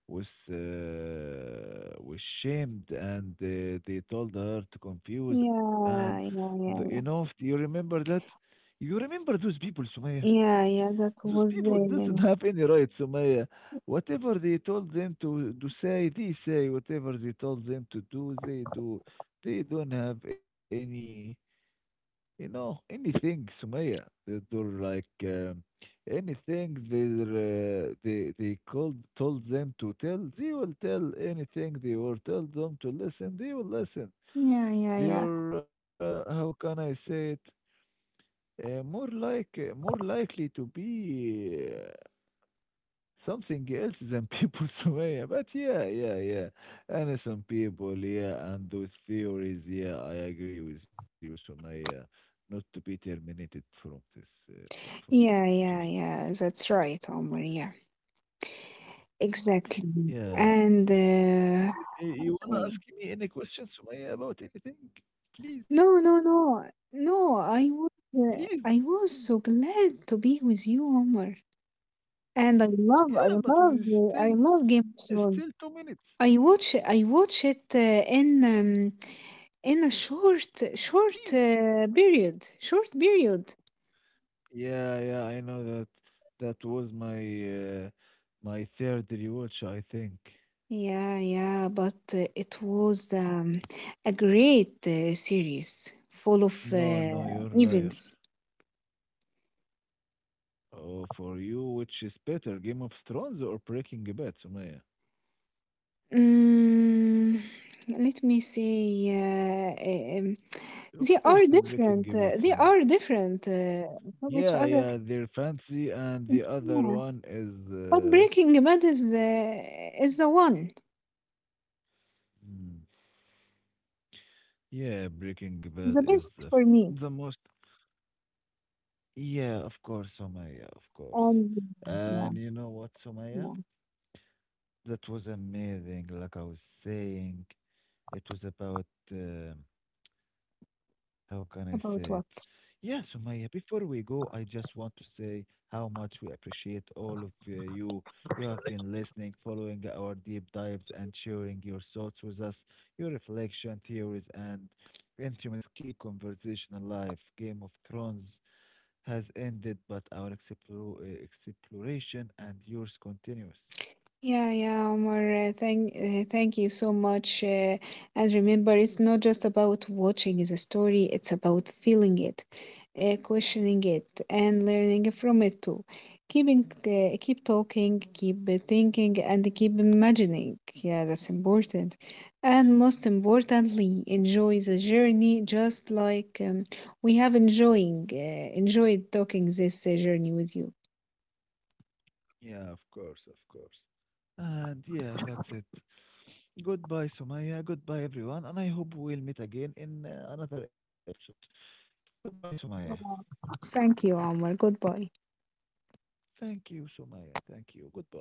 was shamed and they told her to confuse and
yeah, yeah,
the, you
yeah,
know?
yeah,
Do you remember that? You remember those people, Sumaya?
yeah, that
Those
was
people doesn't
the,
have any right, Sumaya. Whatever they told them to say, they say. Whatever they told them to do. They don't have any, you know, anything, Sumaya. They do like anything they they called told them to tell. They will tell anything they were told them to listen. They will listen.
yeah, yeah,
They
yeah,
are how can I say it? More likely to be something else than people, (laughs) Sumaya. But yeah, yeah, yeah. And some people, yeah, and those theories, yeah, I agree with you, Sumaya. Not to be terminated from this platform.
yeah,
Just,
yeah, yeah, that's right, Omar, yeah, exactly.
yeah.
And,
Y- You wanna
okay,
ask me any questions, Sumaya, about anything? Please,
no, no, no, no,
please.
I was so glad to be with you, Omar. And
Yeah, but it is
I
still,
love Game of
it's
Thrones.
still 2 minutes.
I watch it in a
Please.
short short period.
Yeah, yeah, I know that. That was my uh, my third rewatch, I think.
Yeah, yeah, but it was a great series full
No,
of
no, you're a liar.
events.
Oh, for you, which is better, Game of Thrones or Breaking Bad, Sumaya?
Mm, let me see.
Of
They
course,
are
Breaking Bad,
different.
Sumaya.
They are different from
Yeah,
each
yeah,
other.
they're fancy, and the other
Yeah.
one is,
But Breaking Bad is the one,
hmm, yeah, Breaking Bad
the best
is
for me.
the most. Yeah, of course, Sumaya, of course.
And yeah,
And you know what, Sumaya?
yeah.
That was amazing. Like I was saying, it was about. Uh, How can I say it?
About what?
Yeah, Sumaya, before we go, I just want to say how much we appreciate all of you. You have been listening, following our deep dives, and sharing your thoughts with us. Your reflection, theories, and instruments keep conversation alive. Game of Thrones has ended, but our exploration and yours continues.
Yeah, yeah, Omar. Thank you so much. And remember, it's not just about watching the story; it's about feeling it, questioning it, and learning from it too. Keep talking, keep thinking, and keep imagining. Yeah, that's important. And most importantly, enjoy the journey, just like we have enjoying enjoyed talking this journey with you.
Yeah, of course, of course. And yeah, that's it. Goodbye, Sumaya. Goodbye, everyone. And I hope we'll meet again in another episode. Goodbye, Sumaya.
Thank you, Omar. Goodbye.
Thank you, Sumaya. Thank you. Goodbye.